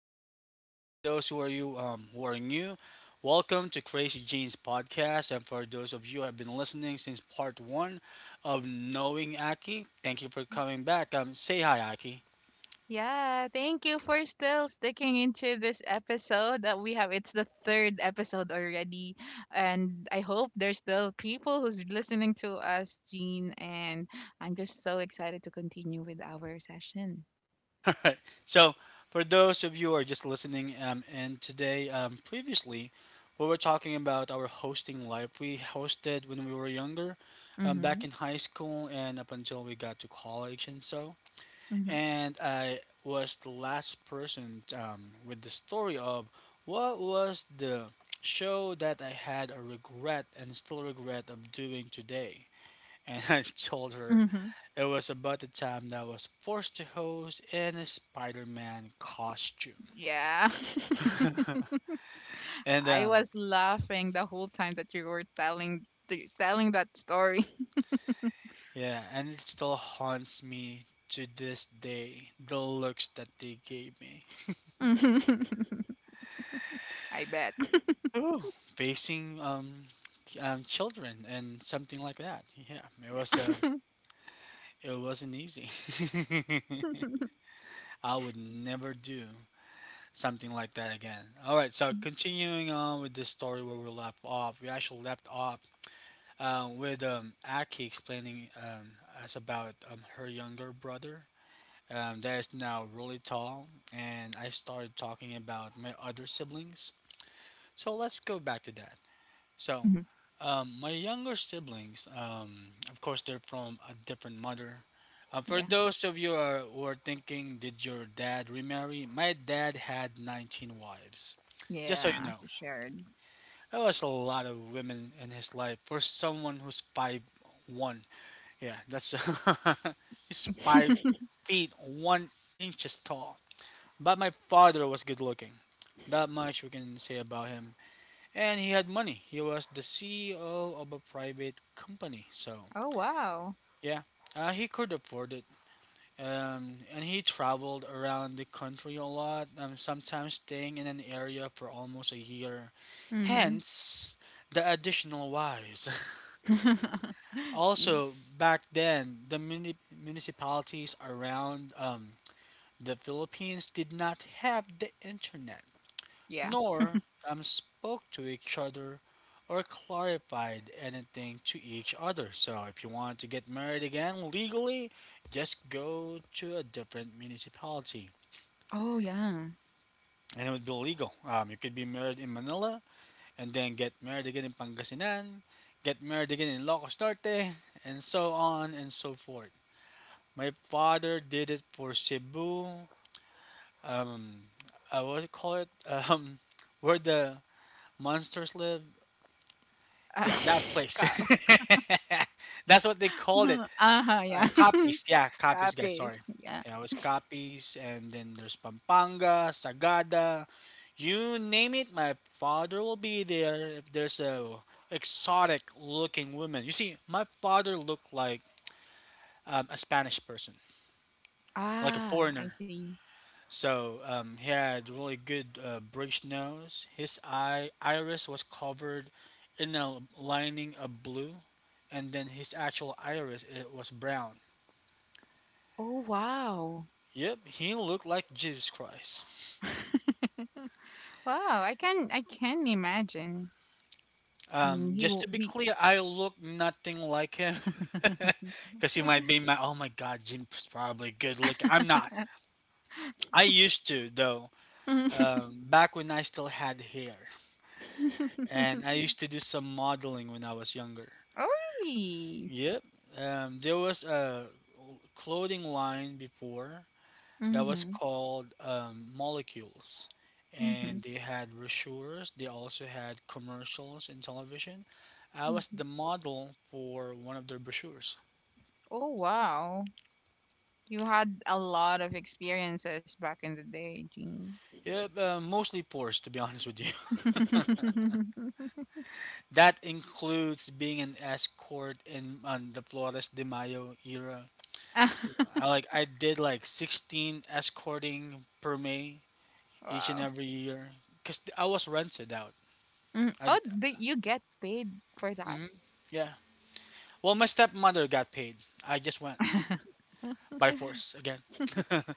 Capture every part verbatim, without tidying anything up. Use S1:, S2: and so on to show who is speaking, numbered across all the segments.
S1: and guys, uh, for those who are you um, who are new, welcome to Crazy Genes podcast. And for those of you who have been listening since part one of knowing Aki, thank you for coming back. Um, say hi, Aki.
S2: Yeah, thank you for still sticking into this episode that we have. It's the third episode already, and I hope there's still people who's listening to us, Jean. And I'm just so excited to continue with our session.
S1: So, for those of you who are just listening, um, and today, um, previously, we were talking about our hosting life. We hosted when we were younger, um,
S2: Mm-hmm.
S1: back in high school, and up until we got to college and so.
S2: Mm-hmm.
S1: And I was the last person um, with the story of what was the show that I had a regret and still regret of doing today. And I told her
S2: Mm-hmm.
S1: it was about the time that I was forced to host in a Spider Man costume.
S2: Yeah,
S1: And
S2: I
S1: um,
S2: was laughing the whole time that you were telling th- telling that story.
S1: Yeah, and it still haunts me to this day the looks that they gave me.
S2: Mhm. I bet.
S1: Ooh, facing um, um, children and something like that. Yeah, it was
S2: Yeah.
S1: a it wasn't easy. I would never do something like that again. All right, so continuing on with this story where we left off, we actually left off uh, with um, Aki explaining um, us about um, her younger brother um, that is now really tall, and I started talking about my other siblings. So let's go back to that. So
S2: Mm-hmm.
S1: Um, my younger siblings, um, of course, they're from a different mother. Uh, for
S2: Yeah.
S1: those of you are, who are thinking, did your dad remarry? My dad had nineteen wives. Just so you
S2: Yeah,
S1: know,
S2: she shared.
S1: that was a lot of women in his life for someone who's five one. Yeah, that's he's five feet one inches tall. But my father was good looking. That much we can say about him, and he had money. He was the C E O of a private company. So
S2: Oh wow.
S1: yeah, uh, he could afford it. Um, and he traveled around the country a lot, um, sometimes staying in an area for almost a year.
S2: Mm-hmm.
S1: Hence, the additional wives.
S2: Mm,
S1: Also, back then, the muni- municipalities around um, the Philippines did not have the internet,
S2: yeah.
S1: nor um, spoke to each other or clarified anything to each other. So if you want to get married again legally, just go to a different municipality
S2: Oh, yeah.
S1: and it would be legal. Um, you could be married in Manila and then get married again in Pangasinan, get married again in Locos Norte, and so on and so forth. My father did it for Cebu. Um, I would call it um, where the monsters live.
S2: Ah,
S1: Yeah, that place.
S2: Ka
S1: That's what they called it.
S2: Uh-huh,
S1: Um,
S2: yeah.
S1: copies. Yeah, copies, guys.
S2: Copy.
S1: Sorry.
S2: Yeah.
S1: Yeah, it was copies. And then there's Pampanga, Sagada. You name it, my father will be there if there's a exotic looking woman. You see, my father looked like um, a Spanish person, like a
S2: Ah, I
S1: foreigner.
S2: see.
S1: So um, he had really good uh, bridge nose. His eye iris was covered in a lining of blue, and then his actual iris it was brown.
S2: Oh, wow.
S1: Yep, he looked like Jesus Christ.
S2: Wow, I can I can imagine. I mean,
S1: Um,
S2: he
S1: just
S2: w-
S1: to be
S2: he
S1: clear, I look nothing like him, because he might be my. Oh my God, Jim's probably good looking. I'm not. I used to though. Um, back when I still had hair, and I used to do some modeling when I was younger.
S2: Oh, really?
S1: Yep. Um, there was a clothing line before that was
S2: Mm-hmm.
S1: called um, Molecules,
S2: Mm-hmm.
S1: and they had brochures. They also had commercials in television. I was
S2: Hmm.
S1: the model for one of their brochures.
S2: Oh, wow. You had a lot of experiences back in the day, Jean.
S1: Yep, uh, mostly pores, to be honest with you. That includes being an escort in on the Flores de Mayo era.
S2: Ah,
S1: I like I did like sixteen escorting per May each and
S2: wow.
S1: every year because I was rented out.
S2: Mm.
S1: I,
S2: Oh, but you get paid for that?
S1: hmm yeah. Well, my stepmother got paid. I just went by force again.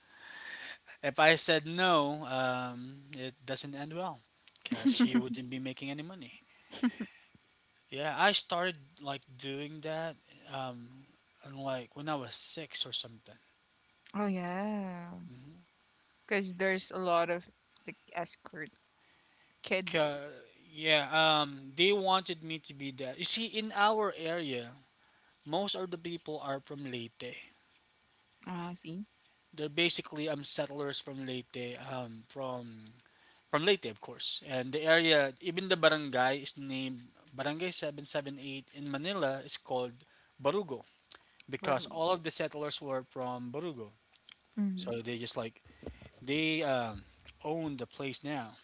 S1: If I said no, um, it doesn't end well because she wouldn't be making any money. Yeah, I started like doing that, um, and, like when I was six or something.
S2: Oh yeah,
S1: Mhm.
S2: because there's a lot of the escort kids.
S1: 'Ca- yeah, um, they wanted me to be that. You see, in our area, most of the people are from Leyte.
S2: Ah, I see,
S1: They're basically um settlers from Leyte, um, from from Leyte, of course. And the area, even the barangay is named Barangay seven seventy-eight in Manila is called Barugo
S2: but
S1: because all of the settlers were from Barugo.
S2: mm-hmm.
S1: So they just like, they um, own the place now.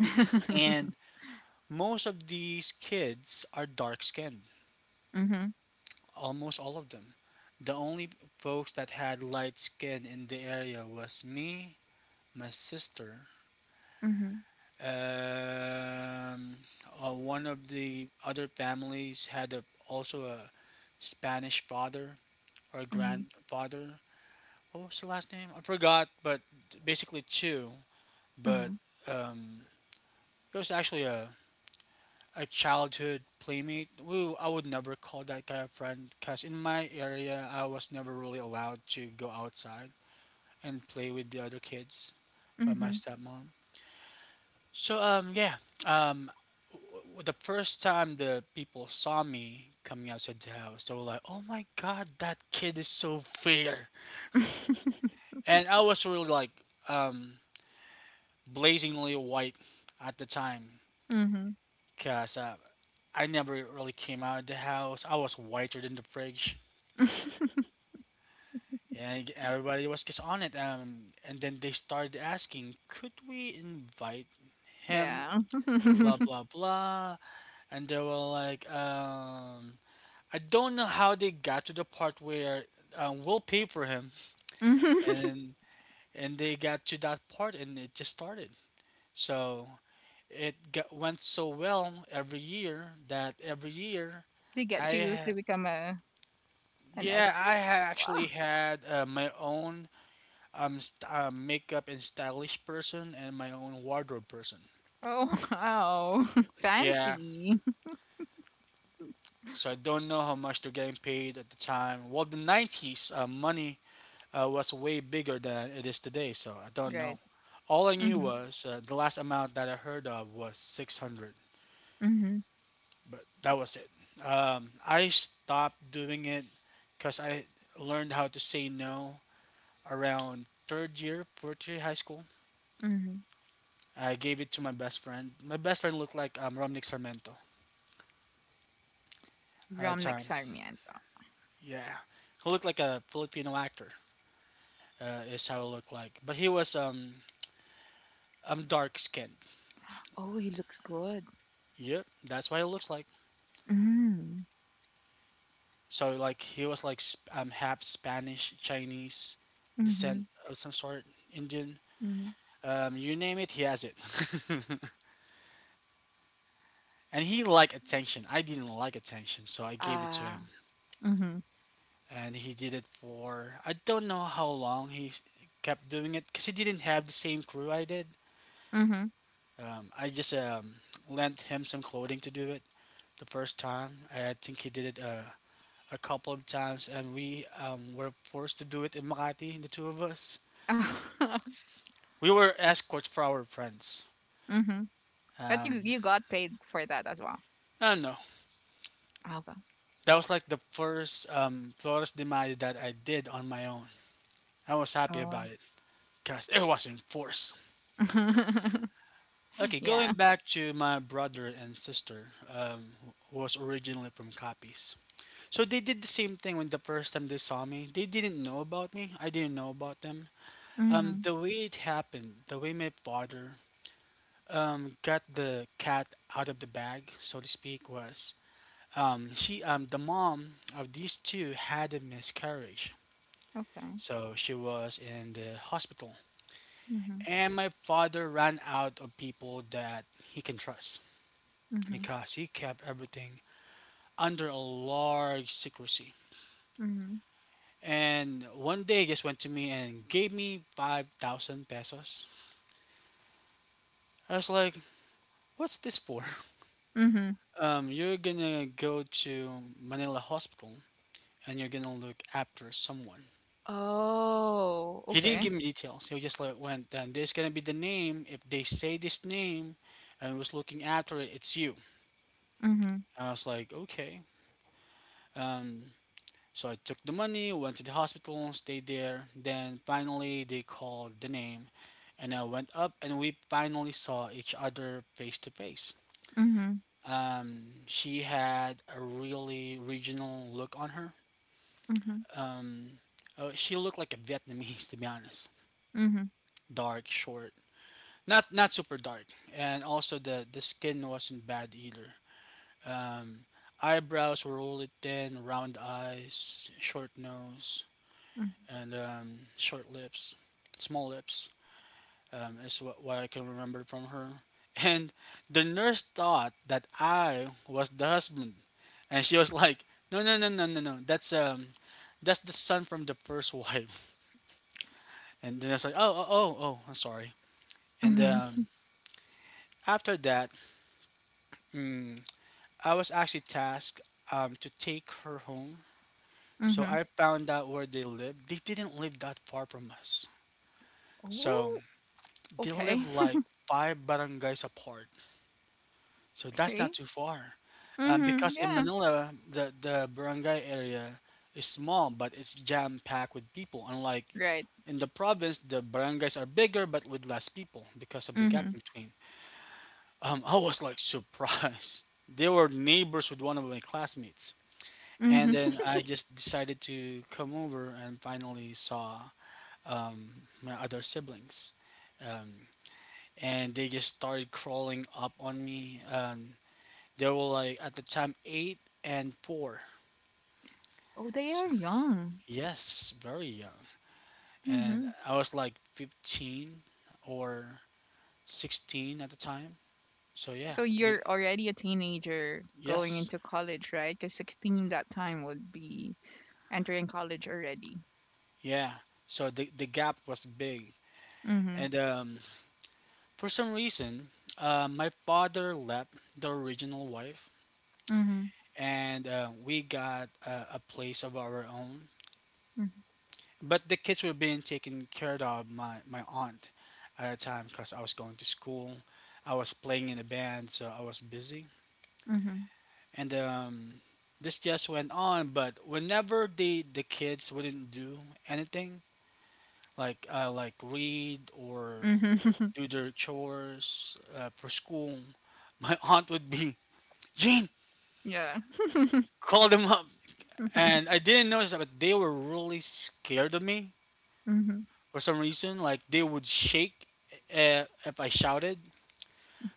S1: And most of these kids are dark skinned,
S2: Mm-hmm.
S1: almost all of them. The only folks that had light skin in the area was me, my sister.
S2: Mm-hmm.
S1: Um, uh, One of the other families had a, also a Spanish father or
S2: Mm-hmm.
S1: grandfather. What was the last name? I forgot, but basically two.
S2: Mm-hmm.
S1: But um, it was actually a, a childhood playmate. Woo, I would never call that guy a friend because in my area, I was never really allowed to go outside and play with the other kids by
S2: Mm-hmm.
S1: my stepmom. So um yeah, um the first time the people saw me coming outside the house, they were like, "Oh my god, that kid is so fair," and I was really like um, blazingly white at the time,
S2: Mm-hmm.
S1: cause uh, I never really came out of the house. I was whiter than the fridge. And everybody was just on it. Um, and then they started asking, could we invite him?
S2: Yeah.
S1: Blah, blah, blah. And they were like, um, I don't know how they got to the part where um, we'll pay for him,
S2: Mhm.
S1: and and they got to that part, and it just started. So it got, went so well every year that every year,
S2: They get
S1: I
S2: you to
S1: ha-
S2: become a an
S1: yeah
S2: escort?
S1: I ha- actually
S2: Wow.
S1: had uh, my own um st- uh, makeup and stylish person and my own wardrobe person.
S2: Oh wow.
S1: Yeah.
S2: Fancy.
S1: So I don't know how much they're getting paid at the time. Well, the nineties uh, money uh, was way bigger than it is today. So I don't
S2: Great.
S1: know. All I knew
S2: Mm-hmm.
S1: was uh, the last amount that I heard of was six hundred,
S2: Mm-hmm.
S1: but that was it. Um, I stopped doing it because I learned how to say no around third year, fourth year high school.
S2: Mm-hmm.
S1: I gave it to my best friend. My best friend looked like um, Romnick Sarmento at the
S2: Romnick
S1: time.
S2: Nagsarmiento.
S1: Yeah, he looked like a Filipino actor. Uh, is how it looked like. But he was um, um dark skinned.
S2: Oh, he looks good.
S1: Yep, that's what it looks like.
S2: Mm-hmm.
S1: So like he was like sp- um half Spanish, Chinese descent
S2: Mm-hmm.
S1: of some sort, Indian.
S2: Mm-hmm.
S1: Um, you name it, he has it. And he liked attention. I didn't like attention, so I gave it to him.
S2: Ah. Mm-hmm.
S1: And he did it for I don't know how long he kept doing it because he didn't have the same crew I did.
S2: Mhm.
S1: Um, I just um, lent him some clothing to do it the first time. I I think he did it uh, a couple of times, and we um, were forced to do it in Makati, the two of us. We were escorts for our friends.
S2: Mhm. But you
S1: Um,
S2: you got paid for that as well.
S1: I don't know.
S2: Oh, okay.
S1: That was like the first um, Flores de Mayo that I did on my own. I was happy about
S2: Oh.
S1: it because it was enforced. Okay, going
S2: Yeah.
S1: back to my brother and sister, um, who was originally from Copies. So they did the same thing when the first time they saw me. They didn't know about me. I didn't know about them. Um,
S2: Mhm.
S1: the way it happened, the way my father um, got the cat out of the bag, so to speak, was Um, she, um, the mom of these two had a miscarriage,
S2: Okay.
S1: so she was in the hospital.
S2: Mhm.
S1: And my father ran out of people that he can trust
S2: Mhm.
S1: because he kept everything under a large secrecy.
S2: Mhm.
S1: And one day, he just went to me and gave me five thousand pesos. I was like, "What's this for?"
S2: Mhm.
S1: Um, you're gonna go to Manila Hospital and you're gonna look after someone.
S2: Oh.
S1: He didn't
S2: Okay.
S1: give me details. He just like went, then there's gonna be the name. If they say this name, and was looking after it, it's you.
S2: Mhm.
S1: And I was like, okay. Um, so I took the money, went to the hospital, stayed there. Then finally they called the name, and I went up, and we finally saw each other face to face.
S2: Mhm.
S1: Um, she had a really regional look on her.
S2: Mhm.
S1: Um, uh, she looked like a Vietnamese, to be honest.
S2: Mhm.
S1: Dark, short, not not super dark, and also the the skin wasn't bad either. um Eyebrows were really thin, round eyes, short nose,
S2: Mhm.
S1: and um short lips, small lips, um is what, what I can remember from her. And the nurse thought that I was the husband, and she was like, no, no, no, no, no, no, that's um that's the son from the first wife. And then I was like, oh, oh, oh, oh, I'm sorry. And
S2: Mhm.
S1: um after that, mm, I was actually tasked um, to take her home. So
S2: Mhm.
S1: I found out where they lived. They didn't live that far from us. So
S2: Oh.
S1: they
S2: Okay.
S1: live like five barangays apart. So that's
S2: Okay.
S1: not too far. Um,
S2: Mhm.
S1: because in
S2: Yeah.
S1: Manila, the, the barangay area is small, but it's jam packed with people. Unlike
S2: Right.
S1: in the province, the barangays are bigger but with less people because of the gap
S2: Mhm.
S1: in between. Um, I was like surprised. They were neighbors with one of my classmates. And
S2: Mhm.
S1: then I just decided to come over and finally saw um, my other siblings. Um, and they just started crawling up on me. Um, they were like, at the time, eight and four.
S2: Oh, they
S1: So,
S2: are young.
S1: yes, very young. And
S2: Mhm.
S1: I was like fifteen or sixteen at the time. So, yeah,
S2: So
S1: the,
S2: you're already a teenager going
S1: yes,
S2: into college, right? Because sixteen that time would be entering college already.
S1: yeah. So the, the gap was big.
S2: Mhm.
S1: And um, For some reason, uh, my father left the original wife,
S2: Mhm.
S1: and uh, we got uh, a place of our own.
S2: Mhm.
S1: But the kids were being taken care of my my aunt at the time, because I was going to school, I was playing in a band, so I was busy,
S2: Mhm.
S1: and um, this just went on. But whenever the the kids wouldn't do anything, like uh, like read or
S2: Mhm.
S1: do their chores uh, for school, my aunt would be Gene.
S2: Yeah.
S1: Called them up, and I didn't notice that, but they were really scared of me
S2: Mhm.
S1: for some reason. Like they would shake uh, if I shouted.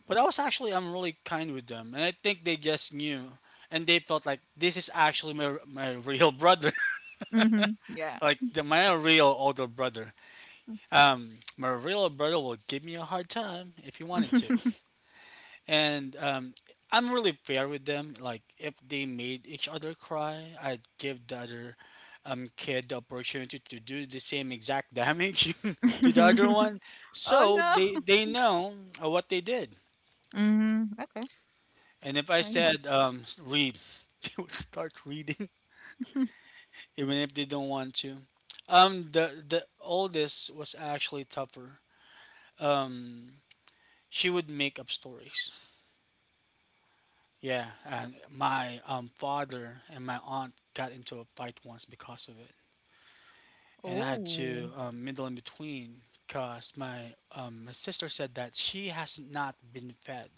S1: But I was actually I'm really kind with them, and I think they just knew, and they felt like this is actually my my real brother,
S2: Mhm. Yeah.
S1: like the, my real older brother. Um, my real brother will give me a hard time if he wanted to, and um, I'm really fair with them. Like if they made each other cry, I'd give the other um, kid the opportunity to do the same exact damage to the other one,
S2: Oh
S1: so
S2: no.
S1: they they know uh, what they did.
S2: Mhm. Okay.
S1: And if I
S2: Right now.
S1: said um, s- read, they would start reading even if they don't want to. Um, the the oldest was actually tougher. Um, she would make up stories. Yeah, and my um, father and my aunt got into a fight once because of it, and I had
S2: Oh.
S1: to um, middle in between, because my um, my sister said that she has not been fed.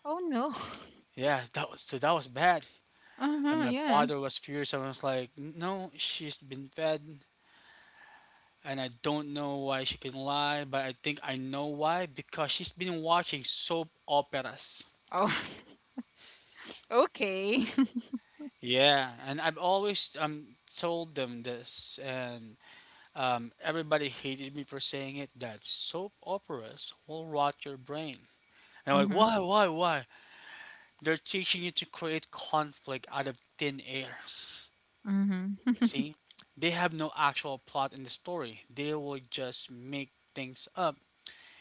S2: Oh no.
S1: Yeah, that was so that was bad, and
S2: Uh-huh,
S1: my
S2: yeah.
S1: father was furious. And I was like, "No, she's been fed." And I don't know why she can lie, but I think I know why, because she's been watching soap operas.
S2: Oh. Okay.
S1: Yeah, and I've always um told them this, and Um, everybody hated me for saying it, that soap operas will rot your brain. And I'm like,
S2: Mhm.
S1: why, why, why? They're teaching you to create conflict out of thin air.
S2: Mhm.
S1: See? They have no actual plot in the story. They will just make things up.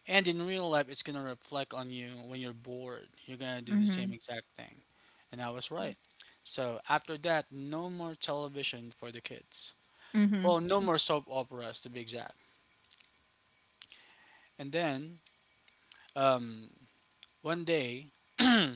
S1: And in real life, it's going to reflect on you when you're bored. You're going to do the same
S2: Mhm.
S1: exact thing. And I was right. So after that, no more television for the kids.
S2: Mhm.
S1: Well, no more soap operas to be exact. And then um, One day, I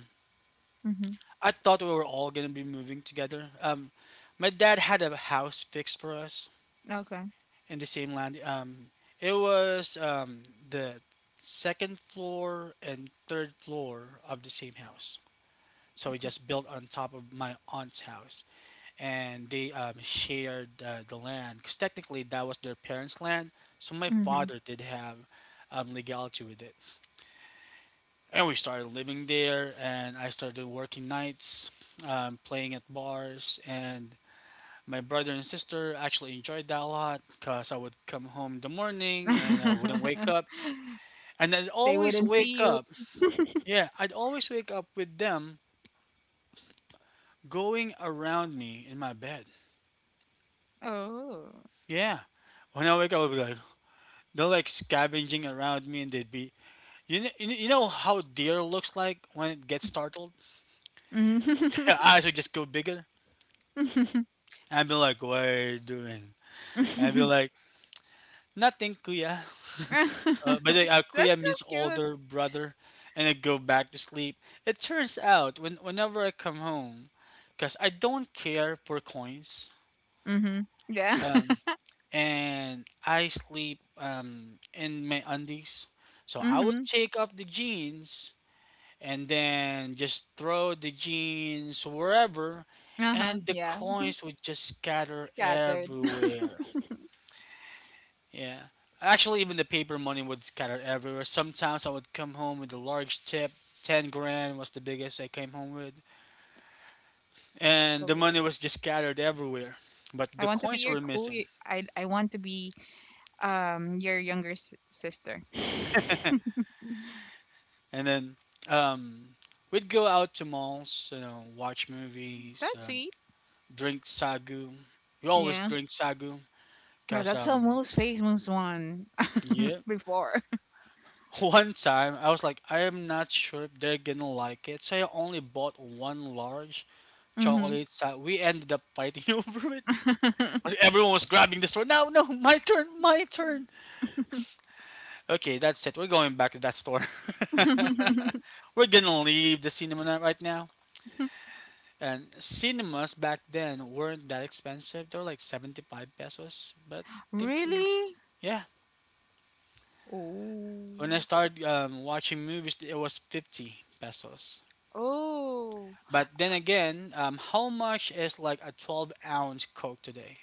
S2: Mhm.
S1: thought we were all gonna be moving together. Um, my dad had a house fixed for us
S2: Okay.
S1: in the same land. Um, it was um, the second floor and third floor of the same house. So we just built on top of my aunt's house, and they um, shared uh, the land, because technically that was their parents' land. So my
S2: Mhm.
S1: father did have um, legality with it. And we started living there. And I started working nights, um, playing at bars, and my brother and sister actually enjoyed that a lot, because I would come home in the morning and I wouldn't wake up, and I'd
S2: They
S1: always
S2: wouldn't see
S1: wake
S2: you.
S1: up. Yeah, I'd always wake up with them going around me in my bed.
S2: Oh.
S1: Yeah, when I wake up, I'd be like, they're like scavenging around me, and they'd be, you know you know how deer looks like when it gets startled.
S2: Mhm.
S1: Their eyes would just go bigger, and I'd be like, "What are you doing?" And I'd be like, nothing, kuya. Uh, by the way, uh, kuya
S2: That's so
S1: means
S2: cute.
S1: older brother. And I go back to sleep. It turns out when whenever I come home, because I don't care for coins,
S2: Mhm. Yeah.
S1: um, and I sleep um, in my undies, so I would
S2: Mm-hmm.
S1: take off the jeans and then just throw the jeans wherever,
S2: Uh-huh.
S1: and the
S2: Yeah,
S1: coins would just scatter
S2: scattered.
S1: everywhere. Yeah. Actually, even the paper money would scatter everywhere. Sometimes I would come home with a large tip. 10 grand was the biggest I came home with. And the money
S2: So
S1: was just scattered everywhere. But
S2: I
S1: the
S2: want to be
S1: coins
S2: your
S1: were
S2: cool.
S1: missing.
S2: y- I I want to be um your younger s- sister.
S1: And then um, we'd go out to malls, you know, watch movies,
S2: That's
S1: um,
S2: sweet.
S1: drink sagu. We always
S2: Yeah.
S1: drink sagu.
S2: Yeah,
S1: Because,
S2: that's how
S1: um,
S2: most famous one
S1: yeah.
S2: before.
S1: One time, I was like, I am not sure if they're gonna like it. So I only bought one large
S2: Mm-hmm.
S1: chocolates. Uh, we ended up fighting over it. Everyone was grabbing the store. No, no, my turn, my turn. Okay, that's it. We're going back to that store. We're gonna leave the cinema na- right now. And cinemas back then weren't that expensive. They were like seventy-five pesos. But thinking,
S2: really?
S1: yeah. When
S2: Oh.
S1: I started um, watching movies, it was fifty pesos.
S2: Oh.
S1: But then again, um, how much is like a twelve ounce Coke today?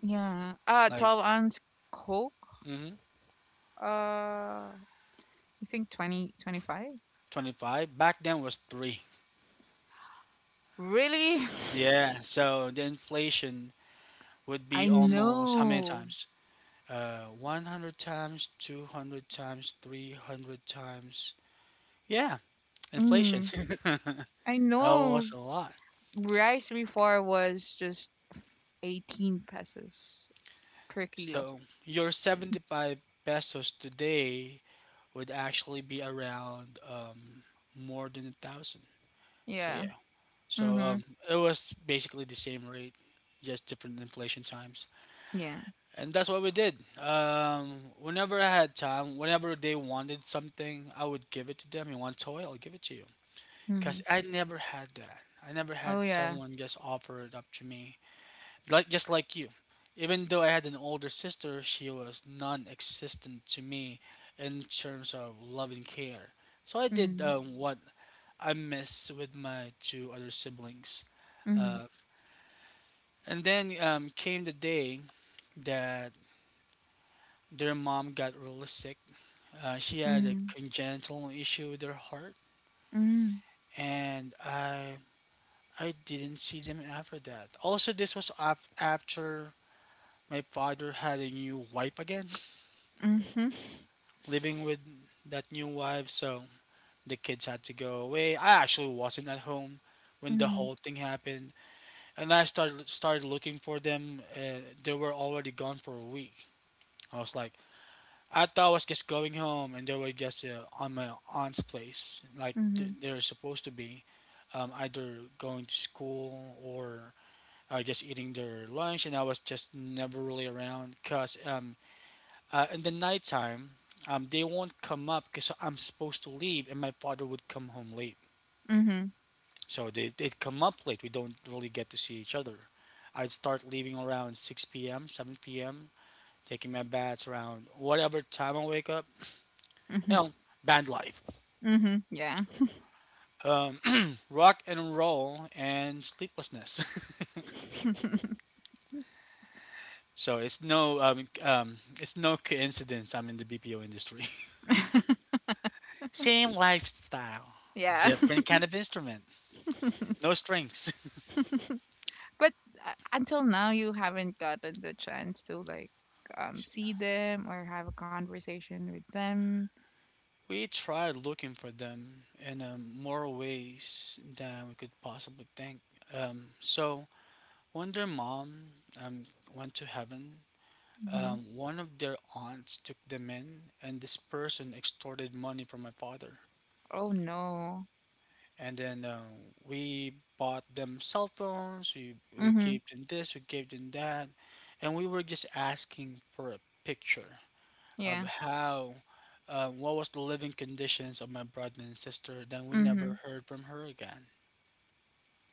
S2: Yeah. Uh,
S1: Like,
S2: twelve ounce Coke.
S1: mm
S2: Uh, I think twenty, twenty-five?
S1: twenty-five. Back then was three.
S2: Really?
S1: Yeah, so the inflation would be
S2: I
S1: almost how many
S2: know.
S1: times? Uh, one hundred times, two hundred times, three hundred times. Yeah, inflation.
S2: Mm. I
S1: That
S2: know.
S1: was a lot.
S2: Rice before was just eighteen pesos per kilo.
S1: So your seventy-five pesos today would actually be around um, more than a thousand. So
S2: Yeah.
S1: yeah. So
S2: Mhm.
S1: um, it was basically the same rate, just different inflation times.
S2: Yeah.
S1: And that's what we did. Um, whenever I had time, whenever they wanted something, I would give it to them. You want toy? I'll give it to you.
S2: Mhm.
S1: Cause I never had that. I never
S2: Oh
S1: had
S2: yeah.
S1: someone just offer it up to me, like just like you. Even though I had an older sister, she was non-existent to me in terms of love and care. So I did
S2: Mhm.
S1: um, what I miss with my two other siblings.
S2: Mhm.
S1: Uh, and then um, came the day that their mom got really sick. Uh, she had a
S2: Mhm.
S1: congenital issue with her heart,
S2: Mhm.
S1: and I I didn't see them after that. Also, this was af- after my father had a new wife again,
S2: Mhm.
S1: living with that new wife, so the kids had to go away. I actually wasn't at home when the
S2: Mhm.
S1: whole thing happened, and I started started looking for them. Uh, they were already gone for a week. I was like. I thought I was just going home, and they were just uh, on my aunt's place, like th-
S2: Mhm.
S1: they're supposed to be um, either going to school or uh, just eating their lunch, and I was just never really around because um, uh, in the nighttime, um, they won't come up because I'm supposed to leave, and my father would come home late.
S2: Mhm.
S1: So they, they'd come up late. We don't really get to see each other. I'd start leaving around six p m, seven p m, taking my baths around whatever time I wake up.
S2: Mhm.
S1: You know, band life,
S2: Mhm. Yeah.
S1: um, rock and roll, and sleeplessness. So it's no um, um, it's no coincidence I'm in the B P O industry. Same lifestyle,
S2: yeah.
S1: different kind of instrument, no strings.
S2: But uh, until now you haven't gotten the chance to like um see them or have a conversation with them.
S1: We tried looking for them in um, more ways than we could possibly think. Um, so when their mom um, went to heaven,
S2: Mhm.
S1: um, one of their aunts took them in, and this person extorted money from my father.
S2: Oh no.
S1: and then uh, we bought them cell phones. We, we
S2: Mhm.
S1: gave them this, we gave them that, and we were just asking for a picture of
S2: Yeah.
S1: how uh, what was the living conditions of my brother and sister. Then we never
S2: Mhm.
S1: heard from her again.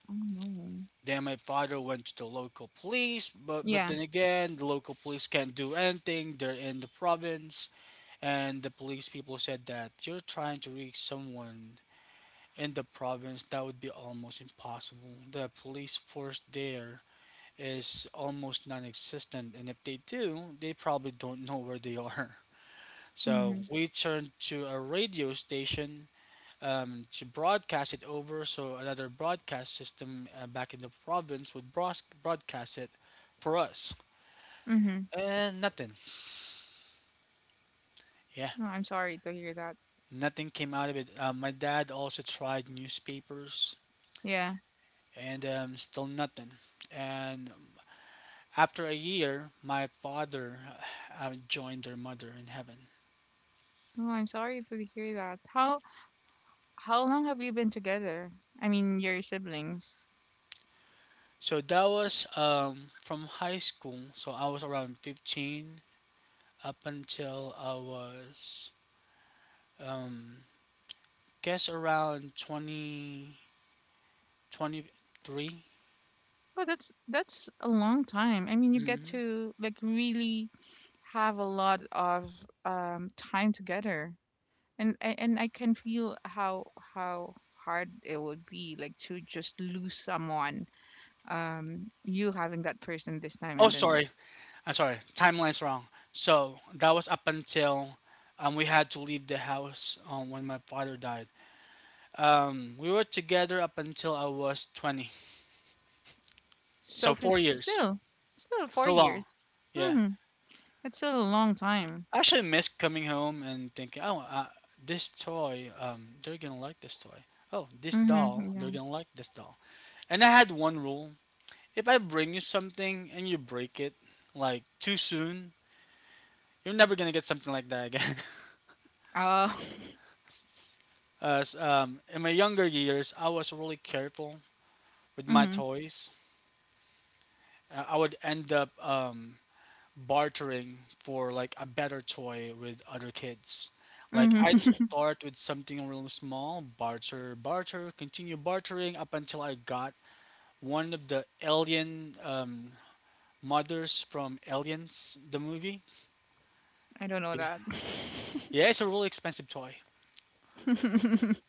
S2: Oh no.
S1: Then my father went to the local police, but but
S2: Yeah.
S1: then again the local police can't do anything, they're in the province, and the police people said that, you're trying to reach someone in the province, that would be almost impossible. The police force there is almost non existent, and if they do, they probably don't know where they are. So
S2: Mhm.
S1: we turned to a radio station um, to broadcast it over, so another broadcast system uh, back in the province would bros- broadcast it for us.
S2: Mhm.
S1: And nothing. Yeah,
S2: No, I'm sorry to hear that.
S1: nothing came out of it. Um, my dad also tried newspapers,
S2: Yeah.
S1: and um, still nothing. And after a year, my father uh, uh, joined their mother in heaven.
S2: No, I'm sorry to hear that. How how long have you been together? I mean, your siblings.
S1: So that was um, from high school. So I was around fifteen up until I was, um, guess, around twenty, twenty-three.
S2: Oh, that's that's a long time. I mean, you get
S1: hmm
S2: to like really have a lot of um time together. And a- and I can feel how how hard it would be like to just lose someone. Um, you having that person this time
S1: Oh,
S2: and then
S1: sorry. I'm sorry. Timeline's wrong. So that was up until um, we had to leave the house um, when my father died. Um, we were together up until I was twenty. So
S2: so
S1: four
S2: fif-
S1: years.
S2: still still four
S1: Still long.
S2: years.
S1: Yeah.
S2: Mhm. It's still a long time.
S1: I actually miss coming home and thinking, oh, uh, this toy, um, they're gonna like this toy. Oh, this doll,
S2: Mhm,
S1: they're
S2: yeah.
S1: gonna like this doll. And I had one rule: if I bring you something and you break it, like too soon, you're never gonna get something like that again.
S2: Uh
S1: As um, in my younger years, I was really careful with
S2: Oh.
S1: my
S2: Mhm.
S1: toys. Uh, I would end up um, bartering for like a better toy with other kids. Like
S2: Mhm.
S1: I'd start with something real small, barter, barter, continue bartering up until I got one of the alien um, mothers from Aliens, the movie.
S2: I don't know
S1: Yeah,
S2: that.
S1: yeah, it's a really expensive toy,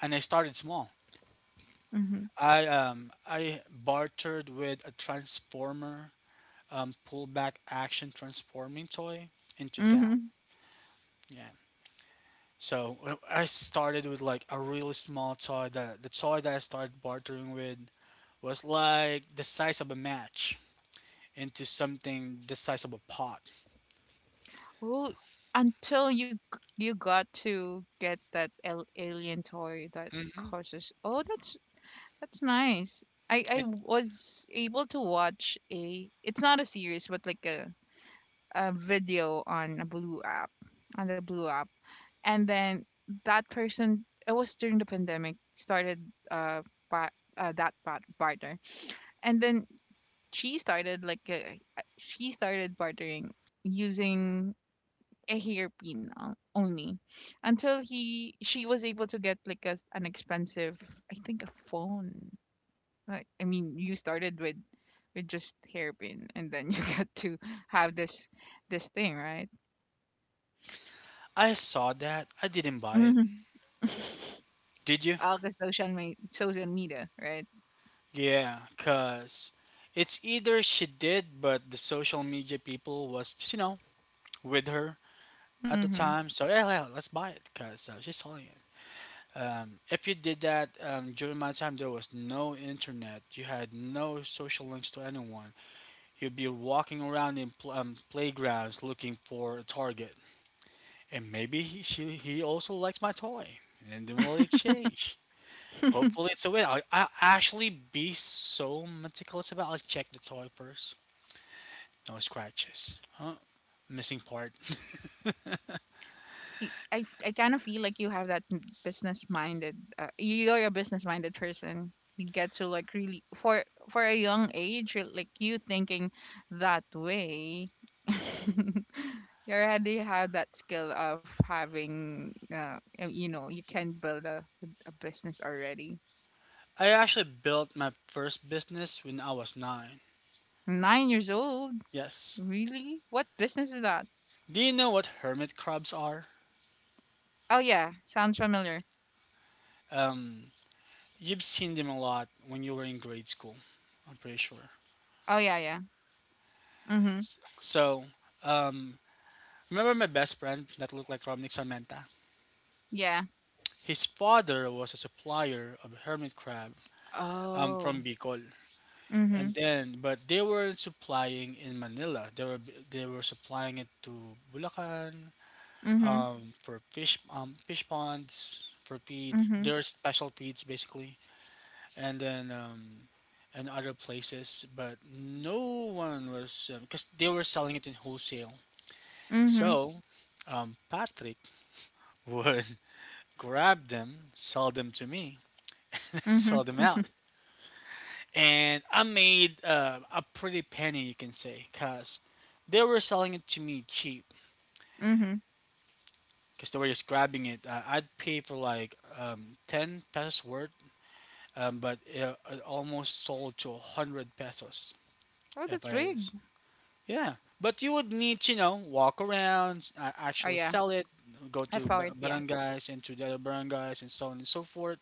S1: and I started small.
S2: Mhm.
S1: I um I bartered with a transformer, um, pullback action transforming toy into that.
S2: Mhm.
S1: Yeah. So uh, I started with like a really small toy. That the toy that I started bartering with was like the size of a match into something the size of a pot.
S2: Well, until you g- you got to get that al- alien toy that
S1: Mm-hmm.
S2: causes. Oh, that's that's nice. I I
S1: It,
S2: was able to watch a. It's not a series, but like a a video on a blue app on the blue app and then that person it was during the pandemic started uh, pa- uh that part partner and then she started like uh, uh, she started bartering using a hairpin o- only until he she was able to get like a, an expensive I think a phone like I mean you started with with just hairpin and then you got to have this this thing right
S1: I saw that. I didn't buy it.
S2: Mhm.
S1: Did you?
S2: All the social me- social media, right?
S1: Yeah, cause it's either she did, but the social media people was just you know with her at the
S2: Mm-hmm.
S1: time. So yeah, yeah let's buy it, cause uh, she's selling it. Um, if you did that um, during my time, there was no internet. You had no social links to anyone. You'd be walking around in pl- um, playgrounds looking for a target, and maybe he, she, he also likes my toy, and then we'll exchange. Hopefully, it's a win. I, I actually be so meticulous about. Let's check the toy first. No scratches. Huh? Missing part.
S2: I I kind of feel like you have that business minded. Uh, you're a business minded person. You get to like really for for a young age, you're, like you thinking that way. you already have that skill of having, uh, uh, you know, you can build a a business already.
S1: I actually built my first business when I was nine.
S2: Nine years old,
S1: Yes.
S2: really? What business is that?
S1: Do you know what hermit crabs are?
S2: Oh yeah, sounds familiar.
S1: Um, you've seen them a lot when you were in grade school, I'm pretty sure.
S2: Oh yeah, yeah, Mhm.
S1: So, um, remember my best friend that looked like Romnick Sarmenta?
S2: Yeah.
S1: His father was a supplier of hermit crab um, from
S2: Oh.
S1: Bicol, and
S2: Mhm.
S1: then but they weren't supplying in Manila. They were they were supplying it to Bulacan
S2: Mhm.
S1: um, for fish um, fish ponds for feeds.
S2: Mhm.
S1: Their special feeds basically. And then um, and other places, but no one was because they were selling it in wholesale.
S2: Mhm.
S1: So um, Patrick would grab them, sell them to me, sell
S2: Mhm.
S1: them out, and I made uh, a pretty penny, you can say, because they were selling it to me cheap
S2: Mhm.
S1: because they were just grabbing it. Uh, I'd pay for like um, ten pesos worth, um, but it, it almost sold to one hundred pesos
S2: Oh,
S1: if
S2: that's
S1: I
S2: weird.
S1: s- Yeah, but you would need to, you know, walk around, uh,
S2: Oh
S1: actually
S2: yeah.
S1: sell it, go
S2: I
S1: to
S2: follow it.
S1: ba-
S2: Yeah.
S1: barangays and to the other barangays and so on and so forth.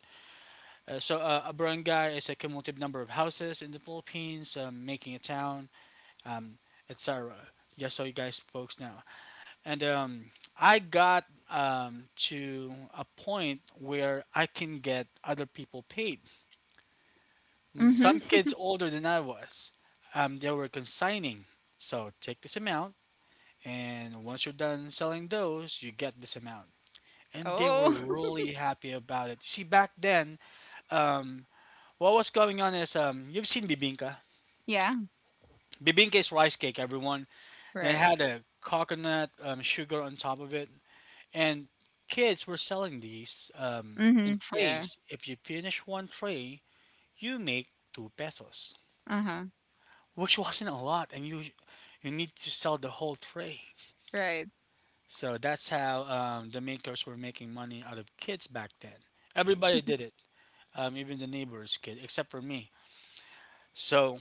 S1: Uh, so uh, a barangay is a cumulative number of houses in the Philippines, um, making a town, um, et cetera. Just so you guys folks know. And um, I got um, to a point where I can get other people paid. Some
S2: Mhm.
S1: kids older than I was, um, they were consigning. So take this amount. And once you're done selling those, you get this amount. And they were
S2: Oh.
S1: really happy about it. See, back then, um, what was going on is um, you've seen bibingka.
S2: Yeah.
S1: Bibingka is rice cake, everyone. They
S2: right.
S1: had a coconut um, sugar on top of it. And kids were selling these um, in
S2: Mhm. Yeah.
S1: trays. If you finish one tray, you make two pesos,
S2: Uh-huh.
S1: which wasn't a lot. And you, you need to sell the whole tray.
S2: Right.
S1: So that's how um, the makers were making money out of kids back then. Everybody did it, um, even the neighbor's kid, except for me. So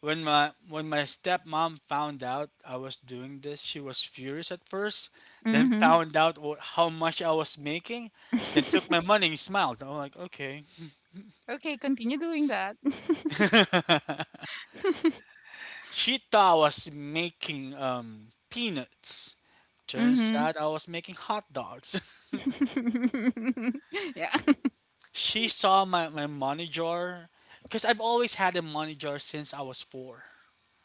S1: when my when my stepmom found out I was doing this, she was furious at first. Then
S2: Mhm.
S1: found out what, how much I was making, then took my money and smiled. I'm like, okay.
S2: Okay. Continue doing that.
S1: She thought I was making um, peanuts. Turns
S2: Mhm.
S1: out I was making hot dogs.
S2: Yeah.
S1: She saw my, my money jar because I've always had a money jar since I was four.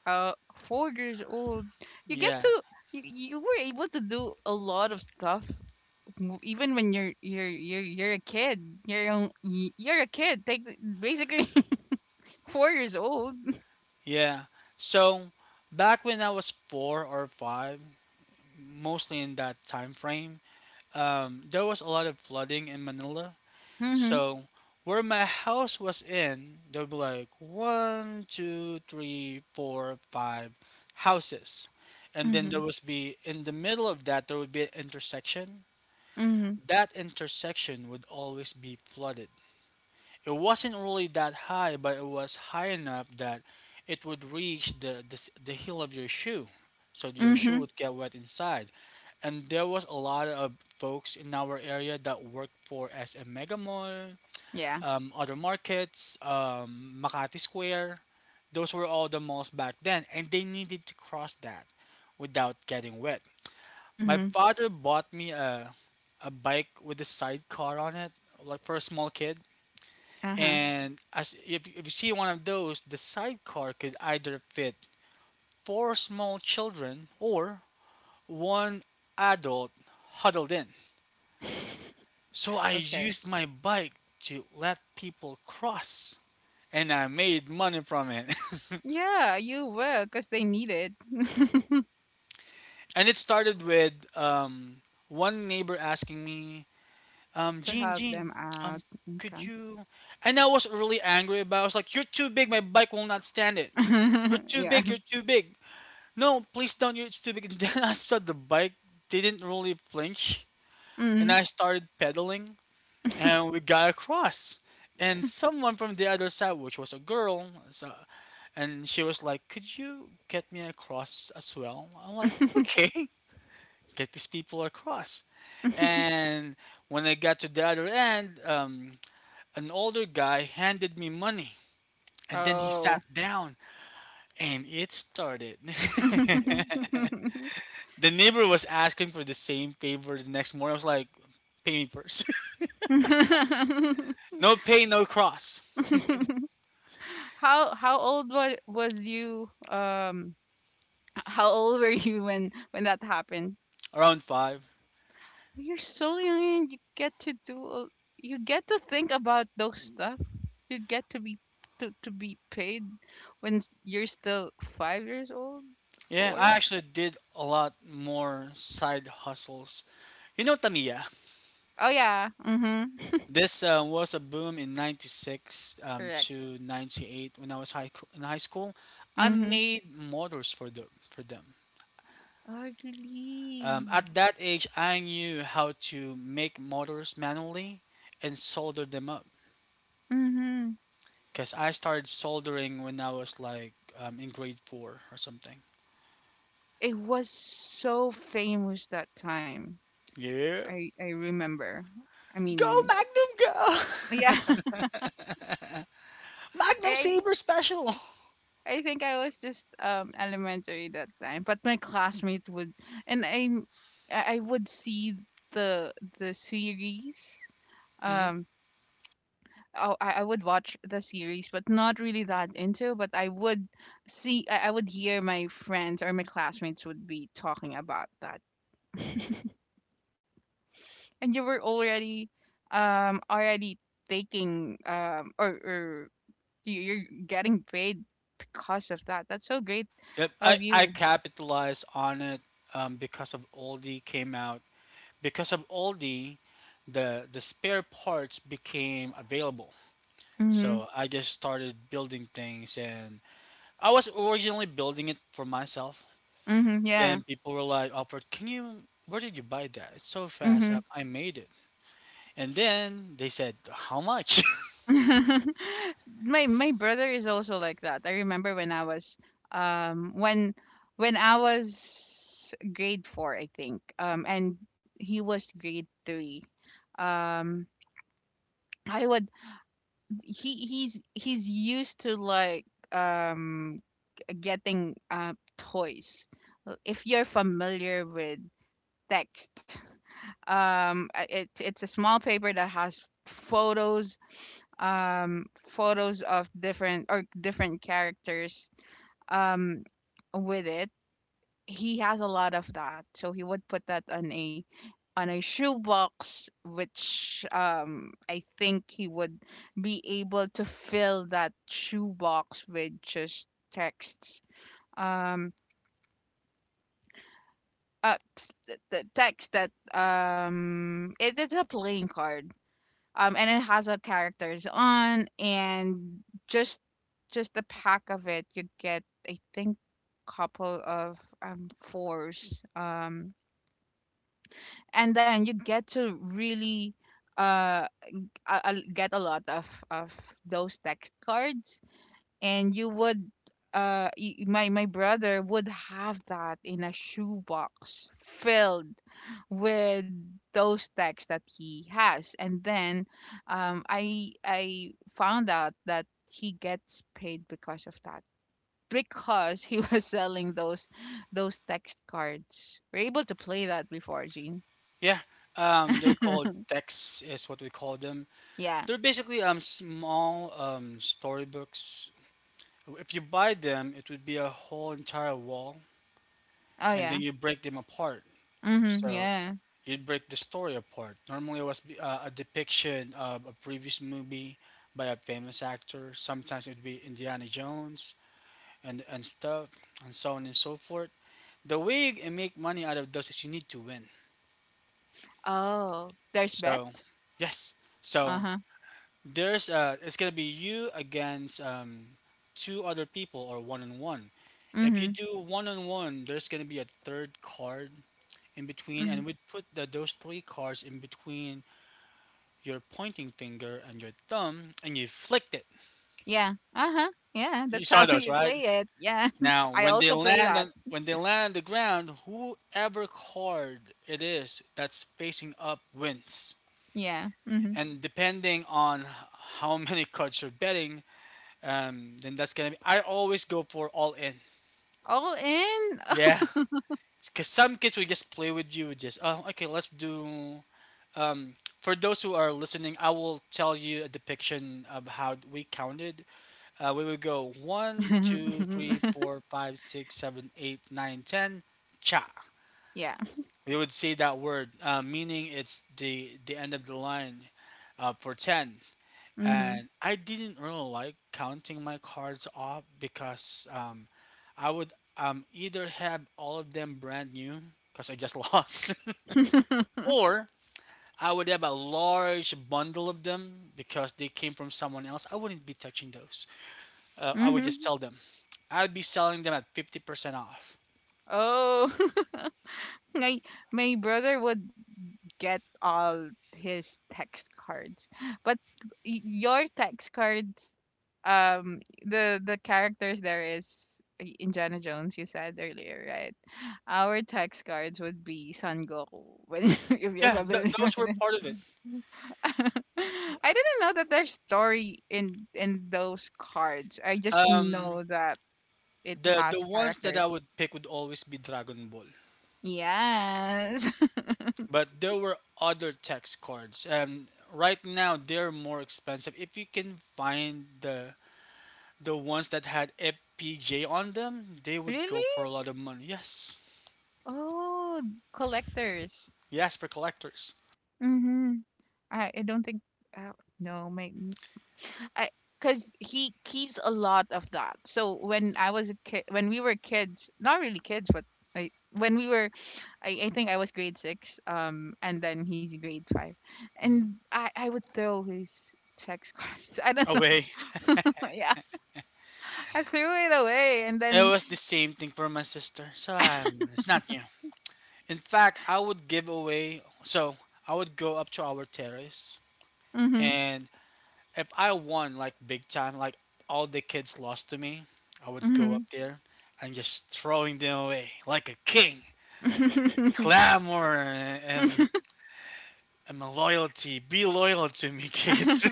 S2: Uh, four years old. You get
S1: Yeah,
S2: to. You, you were able to do a lot of stuff w- even when you're you're you're you're a kid you're on- y- you're a kid like basically four years old
S1: yeah. So back when I was four or five, mostly in that time frame, um, there was a lot of flooding in Manila.
S2: mhm
S1: So where my house was in, there would be like one, two, three, four, five houses. And then there
S2: mhm
S1: was be in the middle of that there would be an intersection.
S2: mhm
S1: That intersection would always be flooded. It wasn't really that high, but it was high enough that it would reach the, the, s- the heel of your shoe. So your shoe
S2: mhm
S1: would get wet inside. And there was a lot of folks in our area that worked for S M Mega Mall,
S2: yeah
S1: um, other markets, um, Makati Square. Those were all the malls back then, and they needed to cross that without getting wet. My
S2: mhm
S1: father bought me a a bike with a sidecar on it, like for a small kid.
S2: uh-huh
S1: And as if, if you see one of those, the sidecar could either fit four small children or one adult huddled in. So I
S2: okay
S1: used my bike to let people cross, and I made money from it.
S2: yeah you will because they need it
S1: And it started with um, one neighbor asking me, um,
S2: to
S1: "Gene,
S2: help
S1: Gene,
S2: them out
S1: um, could
S2: okay
S1: you?" And I was really angry about. It. I was like, "You're too big. My bike will not stand it. You're too
S2: yeah
S1: big. You're too big." No, please don't you stupid. And then I saw the bike didn't really flinch, and
S2: mhm
S1: I started pedaling, and we got across. And someone from the other side, which was a girl, so, and she was like, "Could you get me across as well?" I'm like, "Okay, get these people across." And when I got to the other end, um, an older guy handed me money, and then he
S2: oh
S1: sat down, and it started. The neighbor was asking for the same favor the next morning. I was like, pay me first. No pay, no cross.
S2: how how old was was you um How old were you when when that happened?
S1: Around five.
S2: You're so young and you get to do all- you get to think about those stuff. You get to be to, to be paid when s- you're still five years old,
S1: Yeah, I
S2: four.
S1: actually did a lot more side hustles. You know, Tamiya,
S2: Oh yeah. Mhm.
S1: this uh, was a boom in ninety-six um,
S2: Correct.
S1: to ninety-eight when I was high, in high school. I
S2: Mhm.
S1: made motors for them. For them. Um,
S2: Ugly.
S1: at that age, I knew how to make motors manually and solder them up.
S2: Mhm.
S1: Because I started soldering when I was like um, in grade four or something.
S2: It was so famous that time.
S1: Yeah.
S2: I I remember. I
S1: Go,
S2: mean,
S1: Magnum,
S2: Yeah.
S1: go! Magnum
S2: I
S1: Saber Special!
S2: I think I was just um elementary that time, but my classmate would, and i I I would see the the series.
S1: hmm
S2: Um, oh, I, I would watch the series, but not really that into. But I would see, I, I would hear my friends or my classmates would be talking about that, and you were already, um, already taking um or or you- you're getting paid because of that. That's so great
S1: Yep, I,
S2: of
S1: I
S2: you.
S1: capitalized on it um, because of Aldi came out. Because of Aldi, the, the spare parts became available.
S2: Mm-hmm.
S1: So I just started building things, and I was originally building it for myself.
S2: Mm-hmm. Yeah.
S1: Then people were like, "Alfred, can you? Where did you buy that? It's so fast.
S2: Mhm.
S1: I, I made it." And then they said, "How much?"
S2: S- my my brother is also like that. I remember when I was um when when I was grade four, I think. Um and he was grade three. Um I would he he's he's used to like um getting uh toys. If you're familiar with text. Um, uh, it, it's a small paper that has photos, um, photos of different or different characters. Um, with it, he has a lot of that, so he would put that on a on a shoebox, which um, I think he would be able to fill that shoebox with just texts. Um, uh, t- the text that um, it, it's a playing card um, and it has a characters on, and just just the pack of it, you get I think couple of um fours, um, and then you get to really uh, uh uh, get a lot of of those text cards and you would uh y- my my brother would have that in a shoebox filled with those texts that he has and then um i i found out that he gets paid because of that because he was selling those those text cards we're able to play that before Gene.
S1: Yeah, um, they're called texts, is what we call them.
S2: yeah
S1: They're basically um small um storybooks. If you buy them, it would be a whole entire wall,
S2: oh
S1: and
S2: yeah
S1: then you break them apart.
S2: mm-hmm
S1: So
S2: yeah
S1: you'd break the story apart. Normally, it was be- uh, a depiction of a previous movie by a famous actor. Sometimes it would be Indiana Jones and and stuff, and so on and so forth. The way you make money out of those is you need to win.
S2: oh there's bet
S1: So, yes. So
S2: uh-huh
S1: there's uh, it's gonna be you against um, two other people or one on one. If you
S2: mm-hmm
S1: do one on one, there's gonna be a third card in between,
S2: Mm-hmm.
S1: and we put the, those three cards in between your pointing finger and your thumb, and you flicked it.
S2: Yeah. Uh-huh. Yeah,
S1: You
S2: that's
S1: saw
S2: how
S1: those,
S2: you
S1: right?
S2: play it. Yeah.
S1: Now,
S2: I
S1: when they
S2: also play
S1: land
S2: that.
S1: on when they land on the ground, whoever card it is that's facing up wins.
S2: Yeah. Mm-hmm.
S1: And depending on how many cards you're betting, um, then that's gonna be. I always go for all in.
S2: All in.
S1: Yeah, because some kids will just play with you. Just oh, okay, let's do. Um, for those who are listening, I will tell you a depiction of how we counted. Uh, we would go one, two, three, four, five, six, seven, eight, nine, ten. Cha.
S2: yeah.
S1: We would say that word, uh, meaning it's the the end of the line uh, for ten.
S2: Mm-hmm.
S1: And I didn't really like counting my cards off because um, I would um, either have all of them brand new because I just lost, or I would have a large bundle of them because they came from someone else. I wouldn't be touching those. Uh, I would
S2: mm-hmm.
S1: just sell them. I'd be selling them at fifty percent off.
S2: Oh, my my brother would get all his text cards, but y- your text cards, um, the the characters there is I- Indiana Jones. You said earlier, right? Our tax cards would be Son Goku. When if you're
S1: Yeah,
S2: familiar
S1: th-
S2: with
S1: those were
S2: it.
S1: part of it.
S2: I didn't know that there's story in in those cards. I just
S1: Um,
S2: know that it
S1: the
S2: has
S1: the ones that I
S2: characters.
S1: would pick would always be Dragon Ball.
S2: Yes.
S1: But there were other text cards. Um, right now they're more expensive. If you can find the the ones that had F P J on them, they would
S2: Really?
S1: go for a lot of money. Yes,
S2: Oh, collectors.
S1: yes, for collectors.
S2: Mm-hmm. I, I don't think. Uh, no, maybe. I because he keeps a lot of that. So when I was a kid, when we were kids, not really kids, but I, when we were, I, I think I was grade six, um, and then he's grade five,
S1: Mhm.
S2: and I I would throw his text cards. I don't know.
S1: Away.
S2: Yeah, I threw it away, and
S1: It
S2: then.
S1: was the same thing for my sister, so um, it's not new. In fact, I would give away. So I would go up to our terrace,
S2: Hmm.
S1: and if I won like big time, like all the kids lost to me, I would go up there and just throwing them away like a king. Clamor and
S2: Hmm.
S1: and my loyalty. Be loyal to me, kids.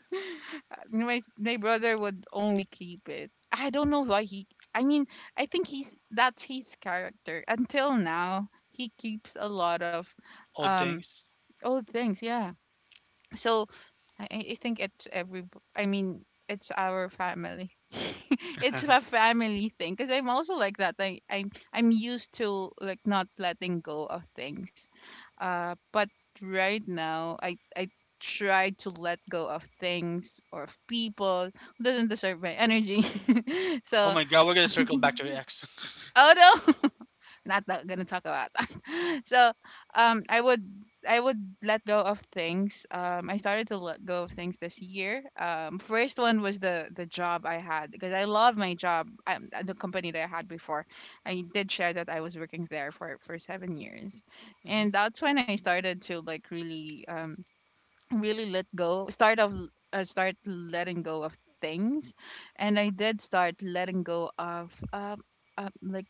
S2: my s- my brother would only keep it. I don't know why he. I mean, I think he's that's his character. Until now, he keeps a lot of
S1: Old
S2: um
S1: things.
S2: old things. Yeah, so I, I I think it's every I mean it's our family it's a family thing because I'm also like that I I'm I'm used to like not letting go of things uh but right now I I try to let go of things or of people who doesn't deserve my energy
S1: Oh
S2: so
S1: my God, we're gonna circle back to the X.
S2: oh no not tha- gonna talk about that. so um, I would I would let go of things. Um, I started to let go of things this year. Um, first one was the the job I had because I love my job. I, the company that I had before, I did share that I was working there for for seven years,
S1: hmm
S2: and that's when I started to like really um really let go start of uh, start letting go of things. And I did start letting go of uh, uh like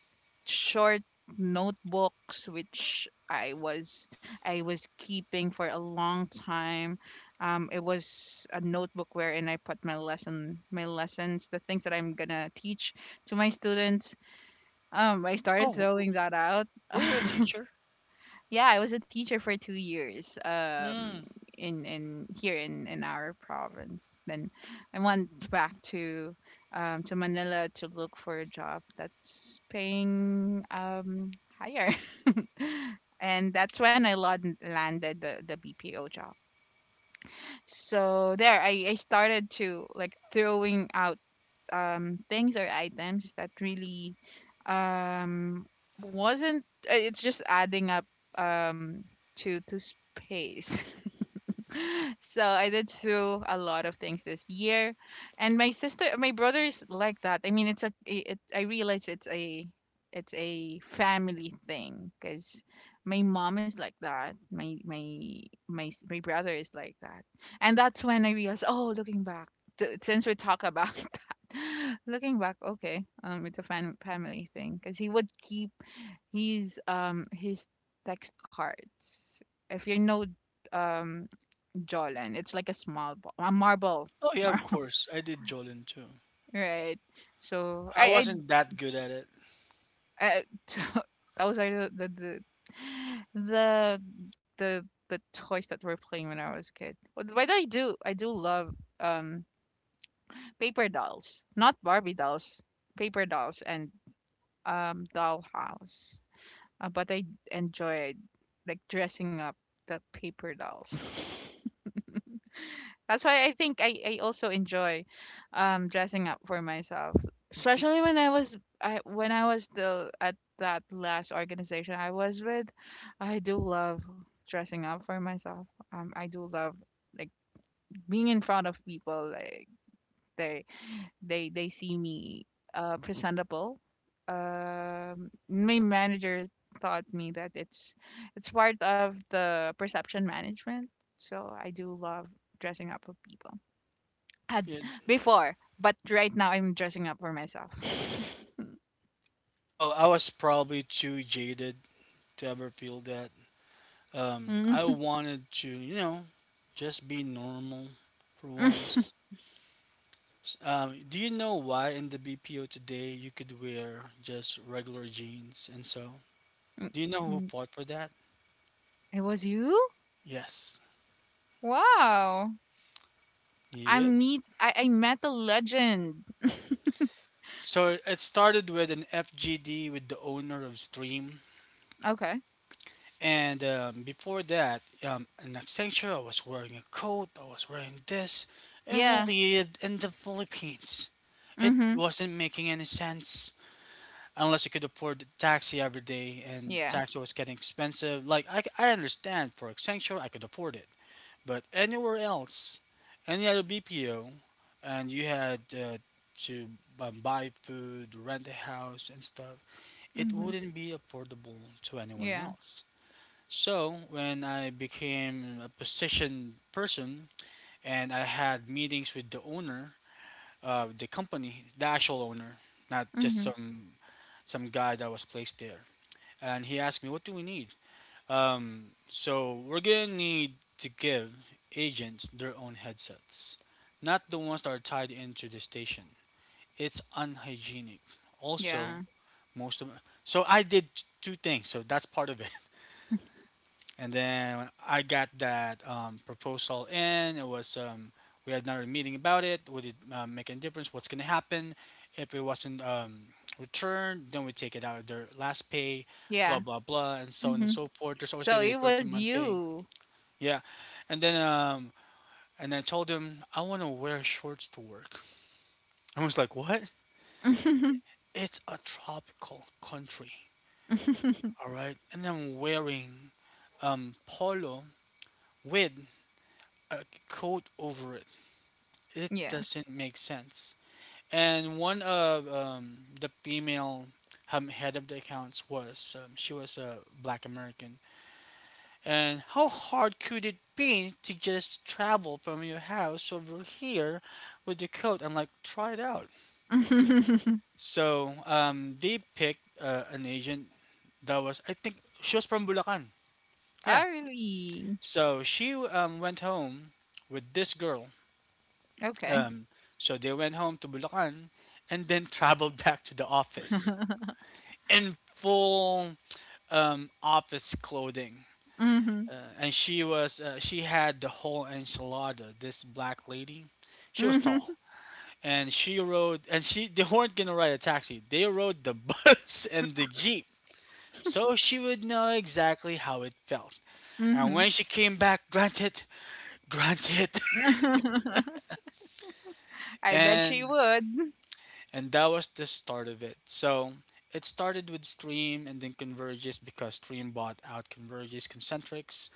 S2: short notebooks which i was I was keeping for a long time. Um, it was a notebook wherein I put my lesson my lessons, the things that I'm gonna teach to my students. Um, I started
S1: Oh, w-
S2: throwing that out.
S1: were you a teacher?
S2: Yeah, I was a teacher for two years. Um,
S1: Mm.
S2: in in here in in our province. Then I went back to um to Manila to look for a job that's paying um higher, and that's when I lon- landed the the B P O job. So there, I I started to like throwing out um, things or items that really um, wasn't. uh, It's just adding up, um, to to space. So I did through a lot of things this year, and my sister, my brother is like that. I mean, it's a, it, I realize it's a, it's a family thing because my mom is like that. My my my s- my brother is like that, and that's when I realized, oh, looking back, t- since we talk about that, looking back, okay, um, it's a fam- family thing because he would keep his um his text cards. If you know, um jawline. It's like a small ball, a marble.
S1: Oh yeah, of
S2: Mar-
S1: course. I did Jolin too.
S2: Right. So
S1: I
S2: I
S1: wasn't that good at it.
S2: I, I so those are the the the the the the toys that we're playing when I was a kid. But why do I do I do love, um paper dolls, not Barbie dolls, paper dolls and um dollhouse. Uh, but I enjoyed like dressing up the paper dolls. That's why I think I, I also enjoy um dressing up for myself. Especially when I was I when I was still at that last organization I was with, I do love dressing up for myself. Um, I do love like being in front of people like they they they see me uh presentable. Um, my manager taught me that it's it's part of the perception management. So I do love dressing up for people had
S1: Yeah.
S2: before, but right now I'm dressing up for myself.
S1: Oh, I was probably too jaded to ever feel that. Um, I
S2: Mm.
S1: wanted to, you know, just be normal for once. S- Um, do you know why in the B P O today you could wear just regular jeans and so? Do you know who fought for that?
S2: It was you?
S1: Yes.
S2: Wow. i
S1: Yep.
S2: meet I, I met a legend.
S1: So it started with an F G D with the owner of Stream.
S2: Okay.
S1: And um, before that, um, in Accenture, I was wearing a coat, I was wearing this, and
S2: Yeah.
S1: we lived in the Philippines. It
S2: Mm-hmm.
S1: wasn't making any sense, unless you could afford the taxi every day, and
S2: Yeah.
S1: taxi was getting expensive. like i, I understand for Accenture I could afford it, but anywhere else, any other BPO, and you had uh, to um, buy food, rent a house and stuff, it
S2: Mm-hmm.
S1: wouldn't be affordable to anyone
S2: Yeah.
S1: else. So when I became a position person and I had meetings with the owner of the company, the actual owner, not just
S2: Mm-hmm.
S1: some some guy that was placed there, and he asked me, "What do we need?" Um, so we're gonna need to give agents their own headsets, not the ones that are tied into the station. It's unhygienic. Also,
S2: Yeah.
S1: most of, so I did two things. So that's part of it. And then when I got that um, proposal in, it was, um, we had another meeting about it. Would it um, make any difference? What's going to happen if it wasn't um, returned? Then we take it out of their last pay, blah
S2: Yeah.
S1: blah blah, and so on and
S2: Mm-hmm.
S1: so forth. There's always going
S2: So
S1: to be a
S2: it was
S1: thirteen month pay.
S2: you.
S1: Yeah, and then um, and I told him I want to wear shorts to work. I was like, what? It's a tropical country, all right. And I'm wearing um, polo with a coat over it. It
S2: Yeah.
S1: doesn't make sense. And one of um, the female um, head of the accounts was, um, she was a Black American. And how hard could it be to just travel from your house over here with the coat and like try it out?
S2: Oh,
S1: So um, they picked uh, an agent that was, I think she was from Bulacan. Yeah.
S2: really?
S1: So she um, went home with this girl.
S2: Okay.
S1: Um, so they went home to Bulacan and then traveled back to the office in full um, office clothing.
S2: Mm-hmm.
S1: Uh, and she was uh, she had the whole enchilada. This black lady, she was
S2: Mm-hmm.
S1: tall. And she rode, and she they weren't gonna ride a taxi. They rode the bus and the jeep, so she would know exactly how it felt. And when she came back, granted, granted,
S2: Mm-hmm. I bet she
S1: and
S2: would.
S1: And that was the start of it. So it started with Stream and then Convergys, because Stream bought out Convergys Concentrics.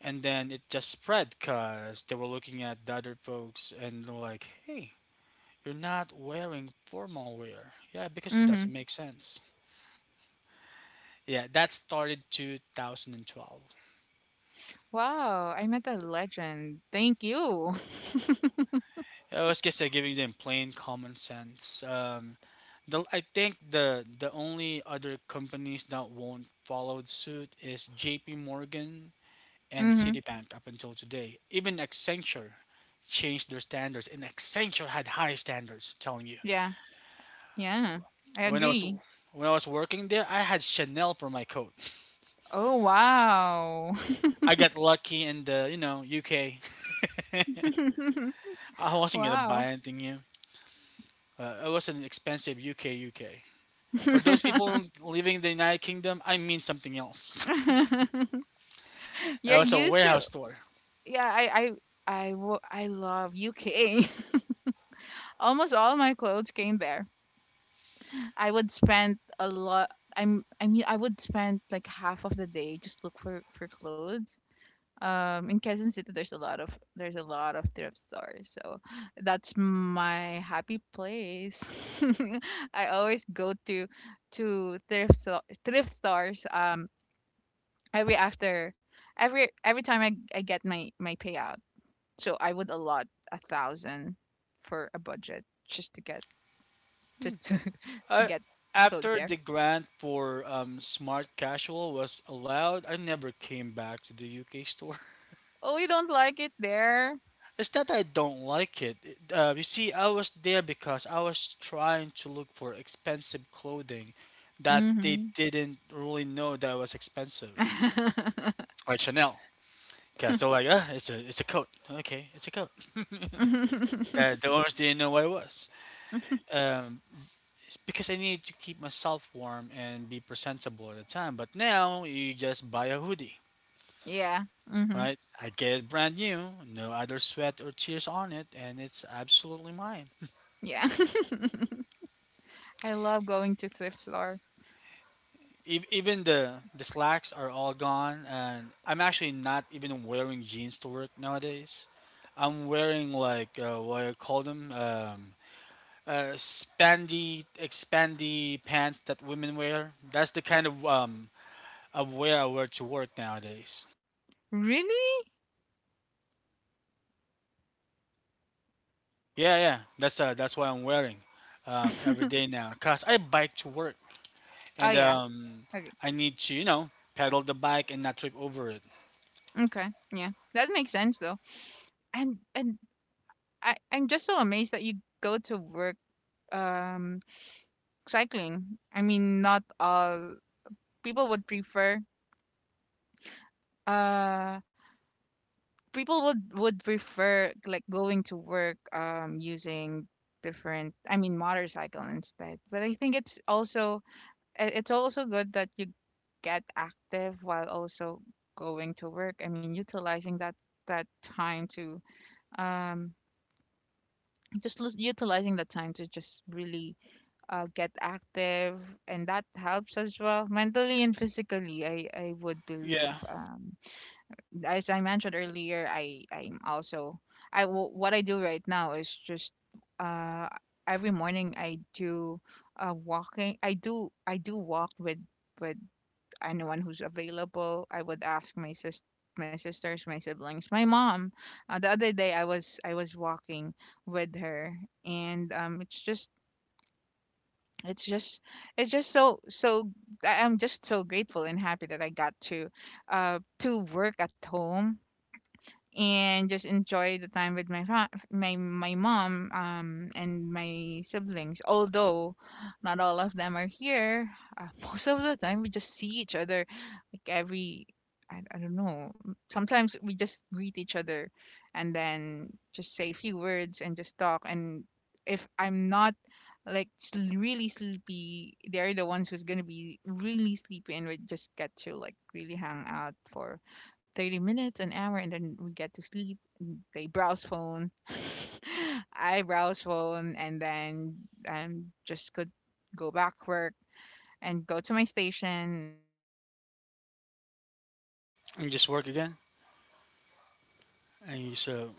S1: And then it just spread because they were looking at the other folks and they were like, hey, you're not wearing formal wear. Yeah, because it
S2: Mm-hmm.
S1: doesn't make sense. Yeah, that started two thousand twelve.
S2: Wow, I met a legend. Thank you.
S1: I was just uh, giving them plain common sense. Um, the, I think the the only other companies that won't follow suit is J P. Morgan and
S2: Mm-hmm.
S1: Citibank up until today. Even Accenture changed their standards, and Accenture had high standards. I'm telling you,
S2: Yeah. Yeah. I
S1: when I was
S2: agree.
S1: when I was working there, I had Chanel for my coat.
S2: Oh, wow.
S1: I got lucky in the, you know, U K. I wasn't gonna buy
S2: Wow.
S1: anything new. Uh, it was an expensive U K U K. For those people living in the United Kingdom, I mean something else.
S2: You're
S1: It was a
S2: used to,
S1: warehouse store.
S2: yeah, I I I wo- I love U K. Almost all my clothes came there. I would spend a lot. I'm I mean I would spend like half of the day just look for for clothes, um in Quezon City there's a lot of, there's a lot of thrift stores, so that's my happy place. I always go to to thrift so- thrift stores, um every after, every every time I, I get my my payout, so I would allot a thousand for a budget just to get, just to
S1: Uh,
S2: to get clothes
S1: After
S2: there.
S1: the grant for um, smart casual was allowed, I never came back to the U K store.
S2: Oh, you don't like it there.
S1: It's not that I don't like it. It- Uh, you see, I was there because I was trying to look for expensive clothing that they
S2: Mm-hmm.
S1: didn't really know that was expensive, like Chanel. Because they're like, ah, it's a it's a coat. Okay, it's a coat. the, the owners didn't know what it was. Um, it's because I needed to keep myself warm and be presentable at the time. But now you just buy a hoodie,
S2: Yeah. Hmm.
S1: right? I get it brand new, no other sweat or tears on it, and it's absolutely mine.
S2: Yeah. I love going to thrift store.
S1: ev- even the the slacks are all gone, and I'm actually not even wearing jeans to work nowadays. I'm wearing like uh, what I call them, um, uh, spandy expandy pants that women wear. That's the kind of um of wear I wear to work nowadays.
S2: Really?
S1: Yeah, yeah, that's uh that's what I'm wearing, um, every day now. 'Cause I bike to work,
S2: Oh,
S1: and
S2: yeah.
S1: um,
S2: Okay.
S1: I need to, you know, pedal the bike and not trip over it.
S2: Okay. Yeah. That makes sense though. And and I I'm just so amazed that you go to work, um cycling. I mean, not all people would prefer uh people would would prefer like going to work um using different, I mean motorcycle instead. But I think it's also, i- it's also good that you get active while also going to work. I mean, utilizing that that time to um just lis- utilizing that time to just really uh, get active, and that helps as well mentally and physically, I I would
S1: Yeah,
S2: believe. Um as I mentioned earlier, i I'm also, i w- what I do right now is just uh every morning I do uh walking. i do I do walk with with anyone who's available. I would ask my sis my sisters, my siblings, my mom. Uh, the other day I was I was walking with her, and um it's just, it's just it's just so so, I- I'm just so grateful and happy that I got to uh to work at home and just enjoy the time with my fa- my my mom um and my siblings, although not all of them are here. Uh, most of the time we just see each other like every, I, I don't know, sometimes we just greet each other and then just say a few words and just talk. And if I'm not like sl- really sleepy, they're the ones who's gonna be really sleepy, and we just get to like really hang out for thirty minutes, an hour, and then we get to sleep. And they browse phone. I browse phone and then um just could go back work and go to my station and s- do stuff at, at, at
S1: and
S2: our
S1: just work
S2: house.
S1: again.
S2: But I do go out a lot
S1: And
S2: of
S1: you so
S2: times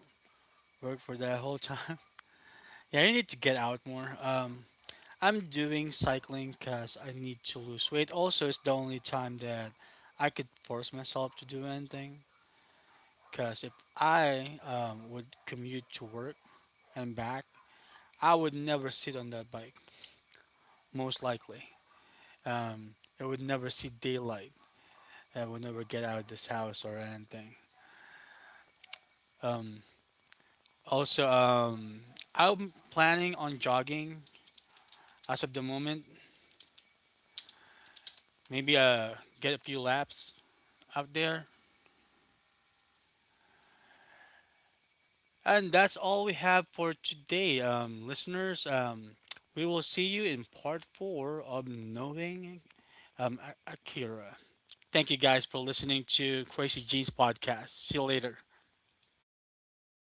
S1: Work for that whole time.
S2: here. Um,
S1: Yeah,
S2: I
S1: you
S2: mean,
S1: need to
S2: I
S1: get
S2: I
S1: out
S2: do,
S1: more. Um,
S2: I I
S1: I'm
S2: I
S1: doing
S2: I
S1: cycling because I
S2: travel
S1: need to lose
S2: to
S1: weight.
S2: different
S1: Also, it's the only
S2: places.
S1: time
S2: I
S1: that
S2: would
S1: I
S2: spend
S1: could force
S2: four
S1: myself
S2: days,
S1: to do
S2: five days,
S1: anything.
S2: six days, seven
S1: Because
S2: days
S1: if
S2: outside.
S1: I um, would commute
S2: Um,
S1: to work
S2: and I
S1: and
S2: I
S1: back,
S2: I do
S1: I would
S2: travel
S1: never sit
S2: from
S1: on that bike,
S2: from here going
S1: most likely.
S2: to, uh
S1: Um, I
S2: going
S1: would never
S2: to
S1: see daylight.
S2: Manila,
S1: I
S2: Cubao,
S1: would never get out
S2: uh,
S1: of
S2: just
S1: this
S2: to meet
S1: house
S2: my
S1: or anything.
S2: friends. Um,
S1: Um,
S2: and
S1: Also,
S2: uh,
S1: um,
S2: I'm
S1: I'm
S2: just so
S1: planning on
S2: grateful that I
S1: jogging
S2: get the chance to
S1: as of the moment.
S2: to have this work from home,
S1: Maybe uh,
S2: uh,
S1: get
S2: set
S1: a
S2: up
S1: few
S2: right
S1: laps
S2: now
S1: out there.
S2: and get to really
S1: And that's all we have for today, um, listeners. Um, we will see you in part four of Knowing, um, A- Akira. Thank you guys for listening to Crazy Jeans Podcast. See you later.